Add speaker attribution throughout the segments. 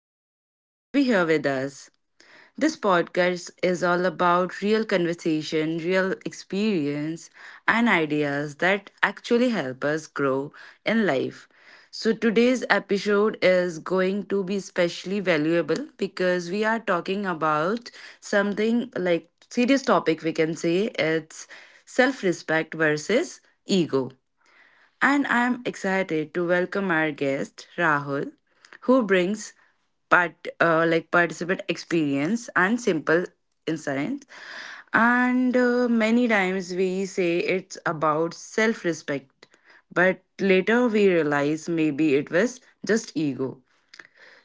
Speaker 1: today to be here with us. This podcast is all about real conversation, real experience, and ideas that actually help us grow in life. So, today's episode is going to be especially valuable because we are talking about something like serious topic, we can say it's self respect versus ego, and I am excited to welcome our guest, Rahul, who brings like participant experience and simple insights. And many times we say it's about self respect, but later we realize maybe it was just ego.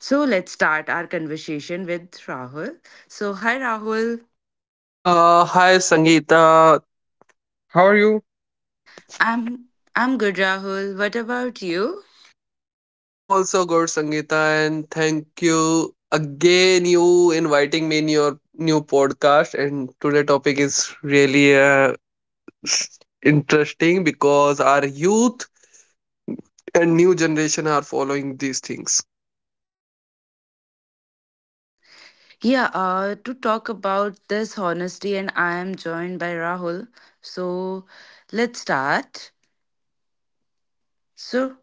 Speaker 1: So let's start our conversation with Rahul. So hi Rahul,
Speaker 2: Hi Sangeeta. You-
Speaker 1: I'm I'm good Rahul. What about you?
Speaker 2: I'm also good, Sangeeta, and thank you again you inviting me in your new podcast. And today topic is really s- interesting because our youth and new generation are following these things.
Speaker 1: Yeah, to talk about this honesty, and I am joined by Rahul. So let's start. So,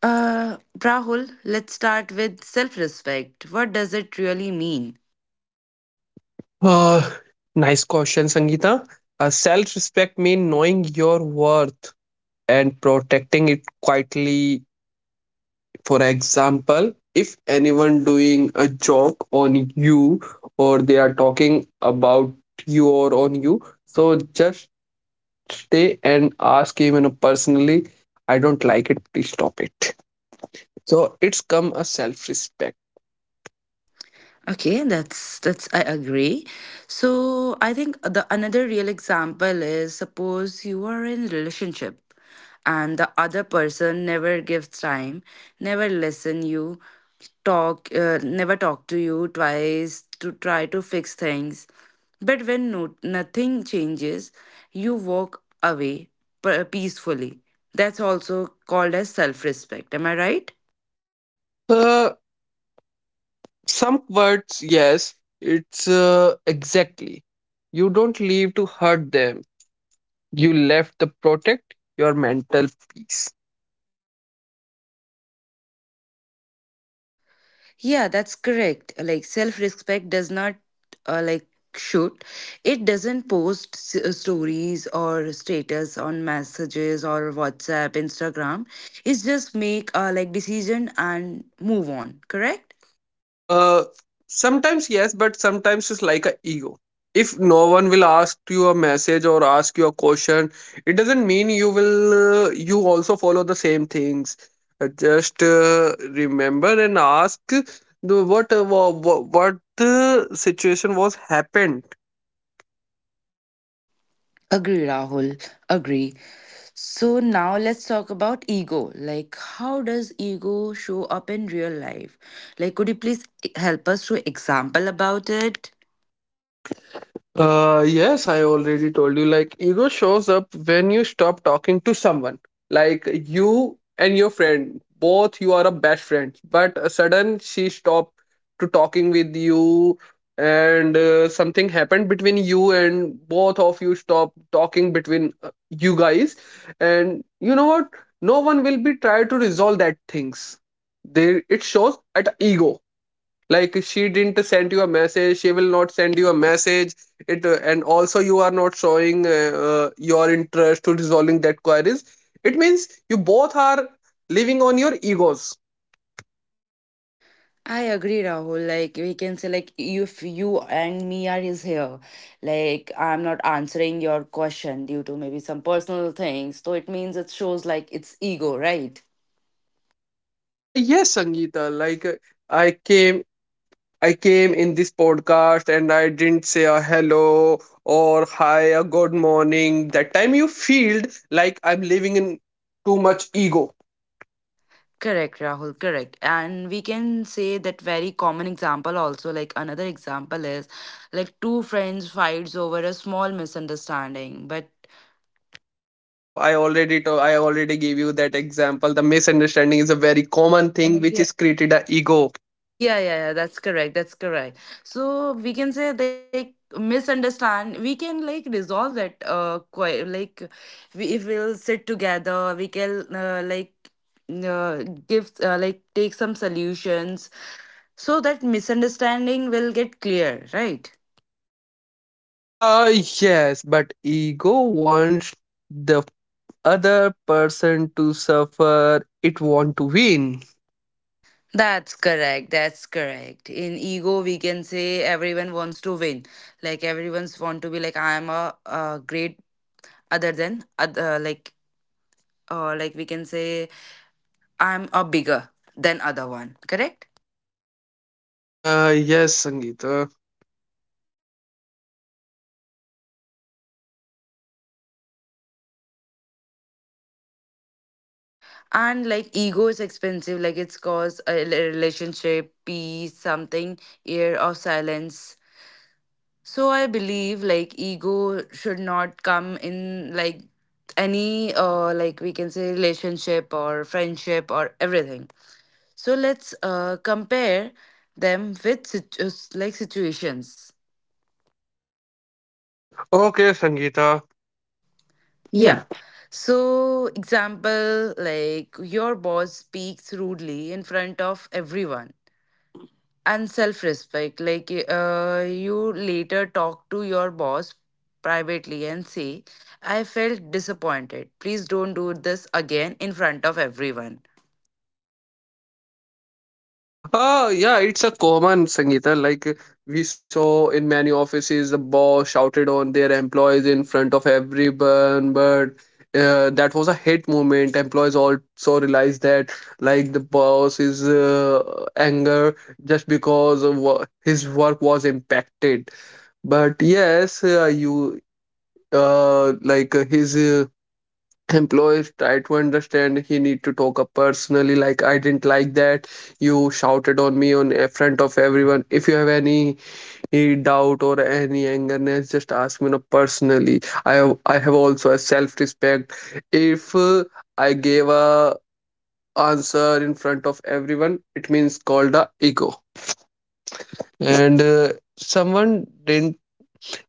Speaker 1: Rahul, let's start with self respect. What does it really mean?
Speaker 2: Uh, nice question, Sangeeta. Self-respect means knowing your worth and protecting it quietly. For example, if anyone doing a joke on you or they are talking about you or on you, so just stay and ask him, you know, personally, I don't like it, please stop it. So it's come a self-respect.
Speaker 1: Okay, that's I agree. So I think the another real example is, suppose you are in a relationship and the other person never gives time, never listen you, talk never talk to you twice to try to fix things. But when no, nothing changes, you walk away peacefully. That's also called as self-respect. Am I right?
Speaker 2: Uh, some words, yes, it's exactly. You don't leave to hurt them. You left to protect your mental peace.
Speaker 1: Yeah, that's correct. Like, self respect does not uh, like shoot. It doesn't post stories or status on messages or WhatsApp, Instagram. It's just make a like decision and move on. Correct?
Speaker 2: Uh, sometimes yes, but sometimes it's like a ego. If no one will ask you a message or ask you a question, it doesn't mean you will you also follow the same things. Just remember and ask the what what the situation was happened.
Speaker 1: Agree, Rahul. Agree. So now let's talk about ego. Like, how does ego show up in real life? Like, could you please help us to example about it?
Speaker 2: Yes, I already told you. Like, ego shows up when you stop talking to someone. Like, you and your friend, both you are a best friends, but sudden she stopped to talking with you, and something happened between you and both of you stop talking between you guys, and you know what? No one will be try to resolve that things. They it shows at ego, like she didn't send you a message, she will not send you a message, it and also you are not showing your interest to resolving that queries. It means you both are living on your egos.
Speaker 1: I agree, Rahul. Like, we can say, like if you and me are is here, like I'm not answering your question due to maybe some personal things, so it means it shows like it's ego, right?
Speaker 2: Yes Sangeeta, i came I came in this podcast and I didn't say a hello or hi a good morning, that time you feel like I'm living in too much ego.
Speaker 1: Correct, Rahul, correct. And we can say that very common example also, like another example is like two friends fights over a small misunderstanding, but
Speaker 2: I al- I already to, I already gave you that example. The misunderstanding is a very common thing which, yeah, is created a ego.
Speaker 1: yeah, yeah, yeah, that's correct. That's correct. So we can say like misunderstand. We can like resolve that. Quite like, we if we'll sit together. We can give like take some solutions so that misunderstanding will get clear, right?
Speaker 2: Uh yes, but ego wants the other person to suffer. It want to win.
Speaker 1: That's correct. That's correct. In ego, we can say everyone wants to win. Like everyone's want to be like I am a, great other than other, like we can say I'm a bigger than other one, correct?
Speaker 2: Yes, Sangeeta.
Speaker 1: And like ego is expensive, like it's cause a relationship, peace, something, year of silence. So I believe like ego should not come in like any like we can say relationship or friendship or everything. So let's compare them with like situations.
Speaker 2: Okay, Sangeeta.
Speaker 1: Yeah. So, example, like your boss speaks rudely in front of everyone and self respect. Like, you later talk to your boss privately and say, I felt disappointed. Please don't do this again in front of everyone.
Speaker 2: Yeah, it's a common Sangeeta. Like we saw in many offices, the boss shouted on their employees in front of everyone. But that was a hate movement. Employees also realized that, like the boss is anger just because of his work was impacted. But yes, you like his. Employees try to understand he need to talk up personally, like I didn't like that you shouted on me on in front of everyone. If you have any doubt or any angerness, just ask me no, personally. I have also a self-respect. If I gave a answer in front of everyone, it means called a ego. And someone didn't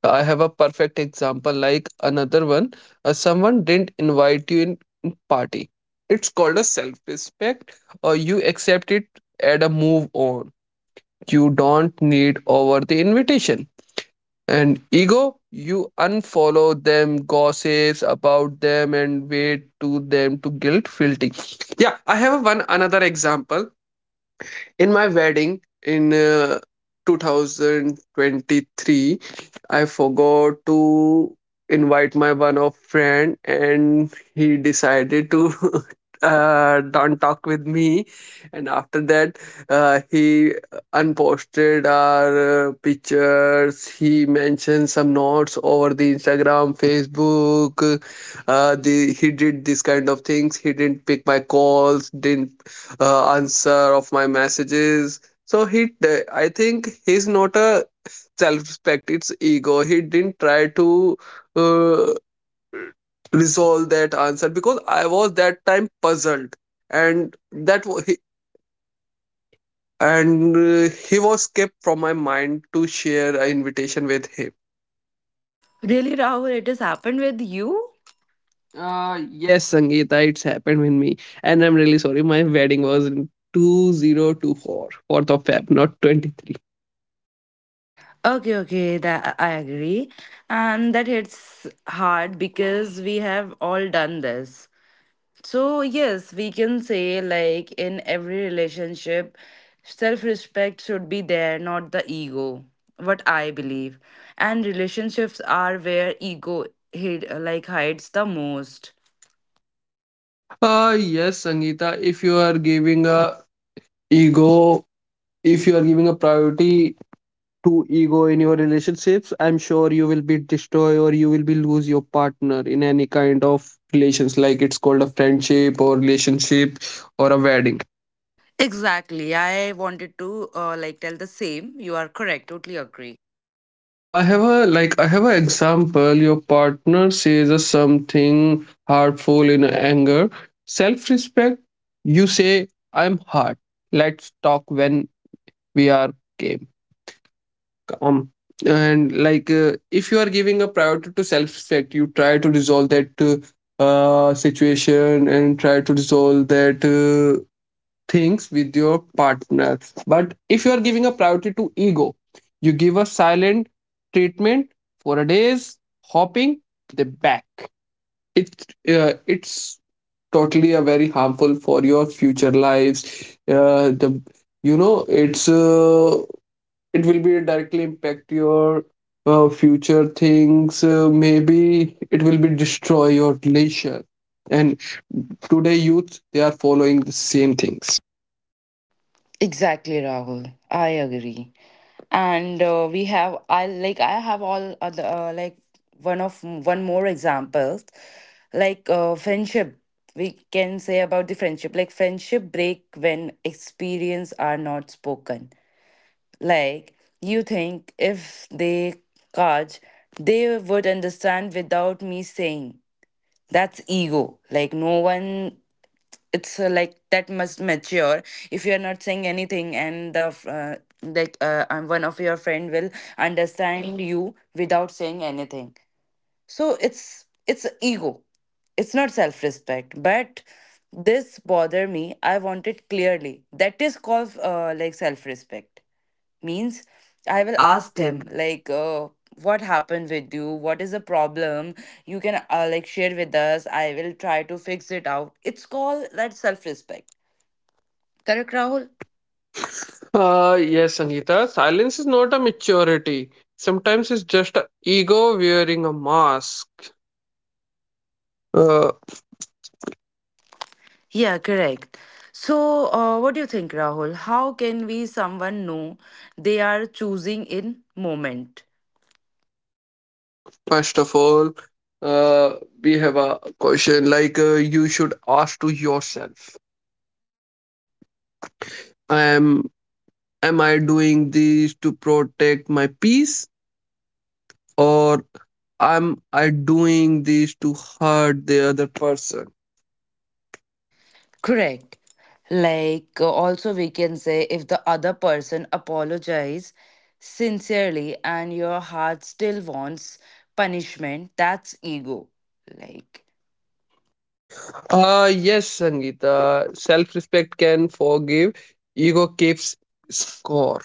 Speaker 2: I have a perfect example like another one. Someone didn't invite you in party. It's called a self-respect, or you accept it and a move on. You don't need over the invitation. And ego, you unfollow them, gossips about them and wait to them to guilt filtering. Yeah, I have one another example. In my wedding in 2023, I forgot to invite my one of friend and he decided to don't talk with me, and after that he unposted our pictures, he mentioned some notes over the Instagram, Facebook. The He did this kind of things, he didn't pick my calls, didn't answer of my messages. So I think he's not a self-respect. It's ego. He didn't try to uh, resolve that answer because I was that time puzzled, and that wa- he and he was kept from my mind to share an invitation with him.
Speaker 1: Really, Rahul, it has happened with you?
Speaker 2: Uh,
Speaker 1: Yeah.
Speaker 2: yes, Sangeeta, it's happened with me. And I'm really sorry. My wedding was in 2024, of Feb, not 23.
Speaker 1: Okay, okay, that I agree. And that hits hard because we have all done this. So, yes, we can say, like, in every relationship, self respect should be there, not the ego. What I believe. And relationships are where ego hid, like hides the most.
Speaker 2: Yes, Sangeeta, if you are giving a ego, if you are giving a priority to ego in your relationships, I'm sure you will be destroy or you will be lose your partner in any kind of relations, like it's called a friendship or relationship or a wedding.
Speaker 1: Exactly. I wanted to like tell the same. You are correct. Totally agree.
Speaker 2: I have a like I have an example. Your partner says a something hurtful in anger. Self-respect, you say, I'm hurt. Let's talk when we are game. Um and like If you are giving a priority to self-respect, you try to resolve that situation and try to resolve that things with your partner. But if you are giving a priority to ego, you give a silent treatment for a days hopping the back. It's totally a very harmful for your future lives. The You know, it will be directly impact your future things. Maybe it will be destroy your relation, and today youth they are following the same things.
Speaker 1: Exactly, Rahul. I agree. And we have I like I have all other like one of one more examples like friendship. We can say about the friendship like friendship break when experience are not spoken. Like, you think if they catch, they would understand without me saying. That's ego. Like no one, it's like that must mature, if you are not saying anything and the like one of your friend will understand you without saying anything, so it's ego it's not self respect, but this bother me, I want it clearly that is called like self respect means
Speaker 2: I
Speaker 1: I
Speaker 2: will
Speaker 1: will
Speaker 2: ask
Speaker 1: ask
Speaker 2: him.
Speaker 1: him, like what happened with you, what is the problem, you can like share with us, I will try to fix it out, it's called that self respect,
Speaker 2: Dr.
Speaker 1: correct
Speaker 2: Rahul,
Speaker 1: Rahul?
Speaker 2: yes, Sangeeta, silence is not a maturity. Sometimes it's just a ego wearing a mask. uh,
Speaker 1: Yeah, correct. So what do you think Rahul, how can we someone know they are choosing in moment?
Speaker 2: first of all, uh, we have a question, you should ask to yourself, I am I doing this to protect my peace, or am I doing this to hurt the other person?
Speaker 1: Correct. Like, also, we can say if the other person apologize sincerely and your heart still wants punishment, that's ego. Like,
Speaker 2: Yes, Sangeeta. Self-respect can forgive. Ego keeps score.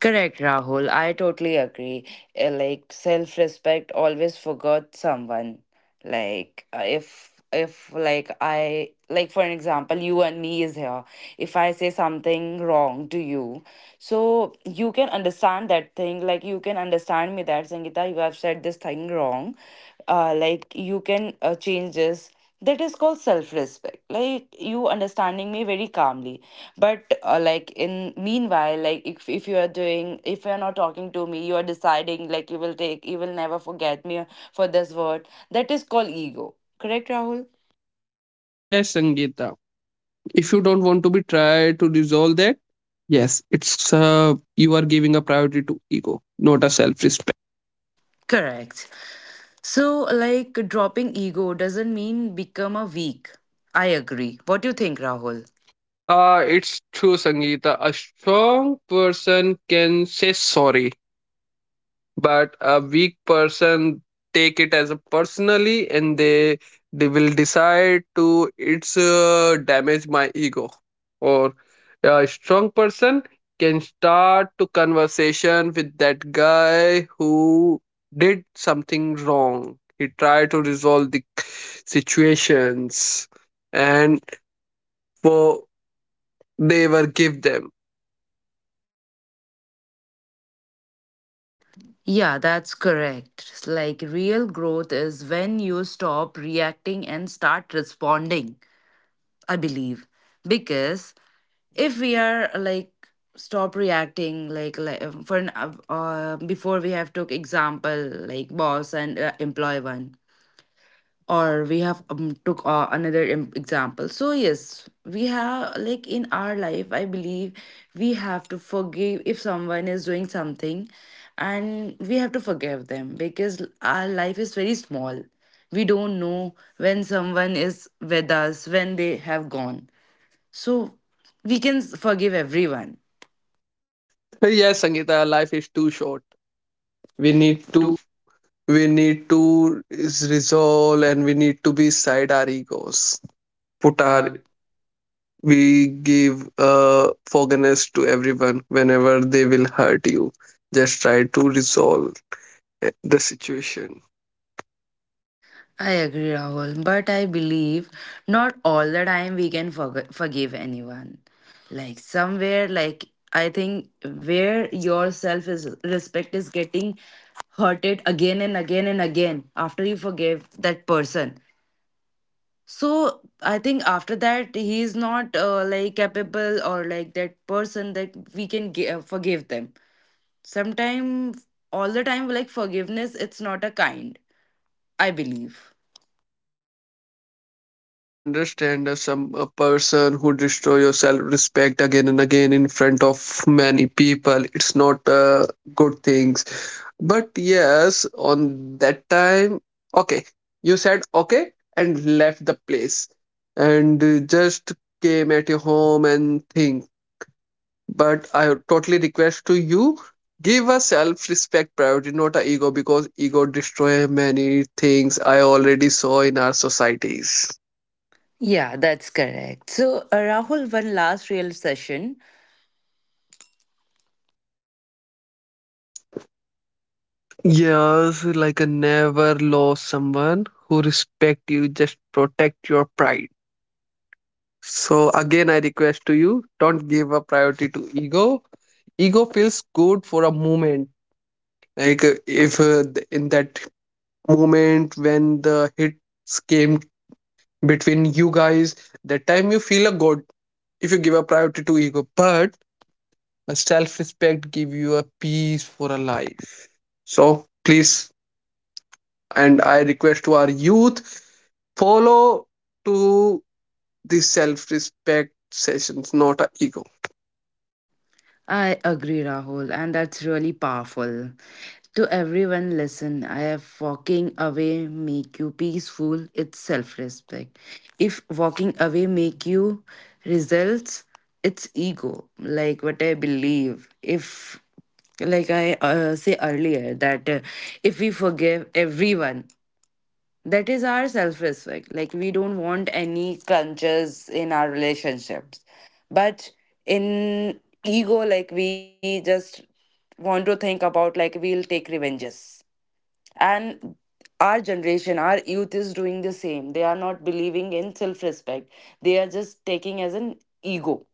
Speaker 1: correct, Rahul. I totally agree. Like self respect always forgot someone. Like if like I like for an example, you and me is here. If I say something wrong to you, so you can understand that thing. Like you can understand me that Sangeeta, you have said this thing wrong. Like you can change this. That is called self respect. Like you understanding me very calmly, but like in meanwhile like if you are doing if you're not talking to me, you are deciding like you will take you will never forget me for this word, that is called ego, correct Rahul?
Speaker 2: Yes, Sangeeta. If you don't want to be try to resolve that, yes, it's you are giving a priority to ego, not a self-respect.
Speaker 1: Correct. So, like, dropping ego doesn't mean become a weak. I agree.
Speaker 2: What do
Speaker 1: What
Speaker 2: you
Speaker 1: do you
Speaker 2: think,
Speaker 1: think,
Speaker 2: Rahul?
Speaker 1: Rahul?
Speaker 2: It's true, Sangeeta. A strong person can say sorry, but a weak person take it as a personally, and they will decide to it's damage my ego. Or a strong person can start to conversation with that guy who did something wrong, he tried to resolve the situations and for they were give them.
Speaker 1: Yeah, that's correct. Like, real growth is when you stop reacting and start responding. I believe, because if we are like stop reacting like, for an before we have took example like boss and employee one, or we have took another example, so yes we have like in our life I believe we have to forgive if someone is doing something, and we have to forgive them because our life is very small, we don't know when someone is with us, when they have gone, so we can forgive everyone.
Speaker 2: Hey, yes Sangeeta, life is too short, we
Speaker 1: We
Speaker 2: need
Speaker 1: need
Speaker 2: to
Speaker 1: to
Speaker 2: we need to is resolve, and we need to be side our egos, put
Speaker 1: put
Speaker 2: our,
Speaker 1: our,
Speaker 2: we give forgiveness to everyone. Whenever they will hurt you, just try to resolve the situation.
Speaker 1: I agree, Rahul, but I believe not all the time we can forgive anyone. Like somewhere, like I think where your self is respect is getting hurted again and again and again after you forgive that person. So I think after that he is not like capable or like that person that we can forgive them. Sometimes, all the time, like forgiveness, it's not a kind, I believe.
Speaker 2: I can understand some a person who destroy your self-respect again and again in front of many people. It's not good things. But yes, on that time, okay, you said okay and left the place and just came at your home and think. But I totally request to you, give a self-respect priority, not a ego, because ego destroy many things I already saw in our societies.
Speaker 1: Yeah, that's correct. So, Rahul, one last real session.
Speaker 2: Yes, like a never lost someone who respect you, just protect your pride. So again, I request to you, don't give a priority to ego. Ego feels good for a moment. Like if th- In that moment when the hits came between you guys, that time you feel a good if you give a priority to ego. But a self-respect give you a peace for a life. So please, and I request to our youth, follow to the self-respect sessions, not a ego.
Speaker 1: I agree, Rahul, and that's really powerful. To everyone, listen, I have walking away make you peaceful, it's self-respect. If walking away make you results, it's ego, like what I believe. If like I say earlier that if we forgive everyone that is our self respect. Like, we don't want any crunches in our relationships. But in ego, like, we just want to think about, like, we'll take revenges. And our generation, our youth is doing the same. They are not believing in self respect, they are just taking as an ego,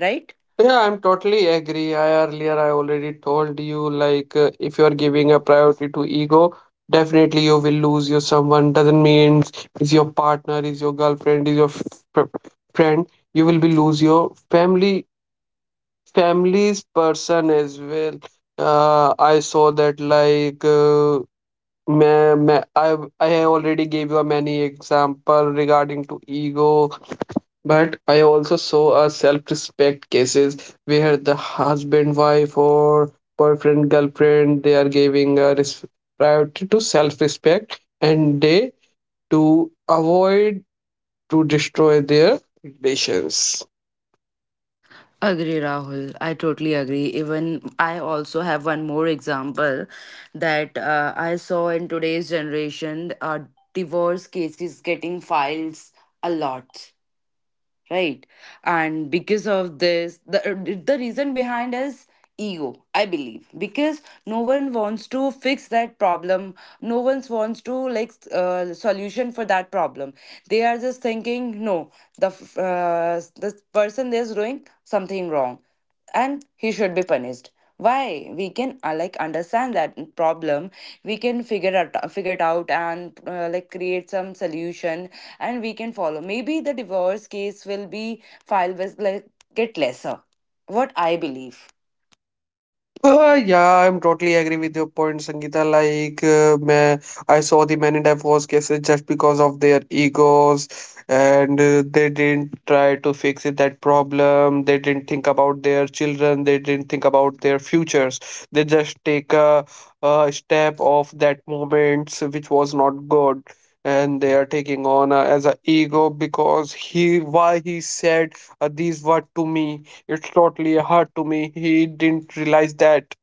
Speaker 1: right?
Speaker 2: Yeah, I'm totally agree. I earlier I already told you, if you're giving a priority to ego, definitely you will lose your someone. Doesn't mean is your partner, is your girlfriend, is your f- friend, you will be lose your family, family's person as well. I saw that like Meh, meh, I already gave you a many example regarding to ego, but I also saw a self-respect cases where the husband, wife, or boyfriend, girlfriend, they are giving a res priority to self-respect and they to avoid to destroy their relations.
Speaker 1: Agree, Rahul. I totally agree. Even I also have one more example that I saw in today's generation. Divorce cases getting files a lot, right? And because of this, the reason behind is ego, I believe, because no one wants to fix that problem, no one wants to like solution for that problem. They are just thinking, no, the this person is doing something wrong and he should be punished. Why we can like understand that problem, we can figure out figure it out and like create some solution and we can follow, maybe the divorce case will be filed with like get lesser, what I believe.
Speaker 2: Yeah, I'm totally agree with your point, Sangeeta. Like, man, I saw the many divorce cases just because of their egos, and they didn't try to fix it, that problem. They didn't think about their children. They didn't think about their futures. They just take a step of that moment, which was not good. And they are taking on as a ego because he why he said these were to me, it's totally a hurt to me. He didn't realize that,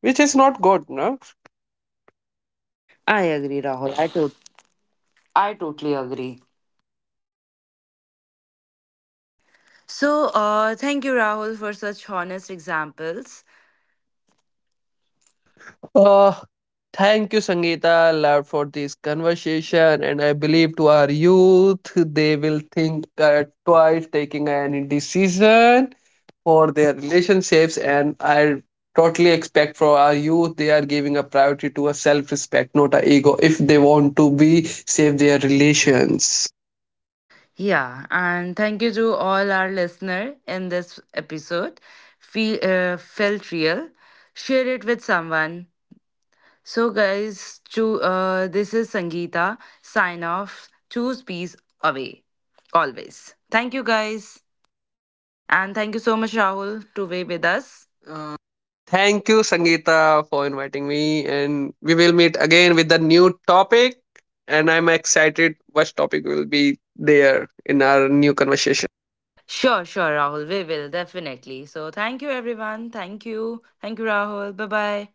Speaker 2: which is not good, no?
Speaker 1: I agree, Rahul. I totally agree. So thank you Rahul for such honest examples.
Speaker 2: Uh, thank you, Sangeeta, Lord, for this conversation. And I believe to our youth, they will think twice taking any decision for their relationships. And I totally expect for our youth, they are giving a priority to a self respect, not a ego, if they want to be save their relations.
Speaker 1: Yeah, and thank you to all our listener. In this episode feel felt real, share it with someone. So, guys, this is Sangeeta. Sign off. Choose peace away. Always. Thank you, guys. And thank you so much, Rahul, to be with us.
Speaker 2: Uh, thank you, Sangeeta, for inviting me, and we will meet again with a new topic. And I'm excited what topic will be there in our new conversation.
Speaker 1: Sure, sure, Rahul. We will definitely. So, thank you, everyone. Thank you. Thank you, Rahul. Bye bye.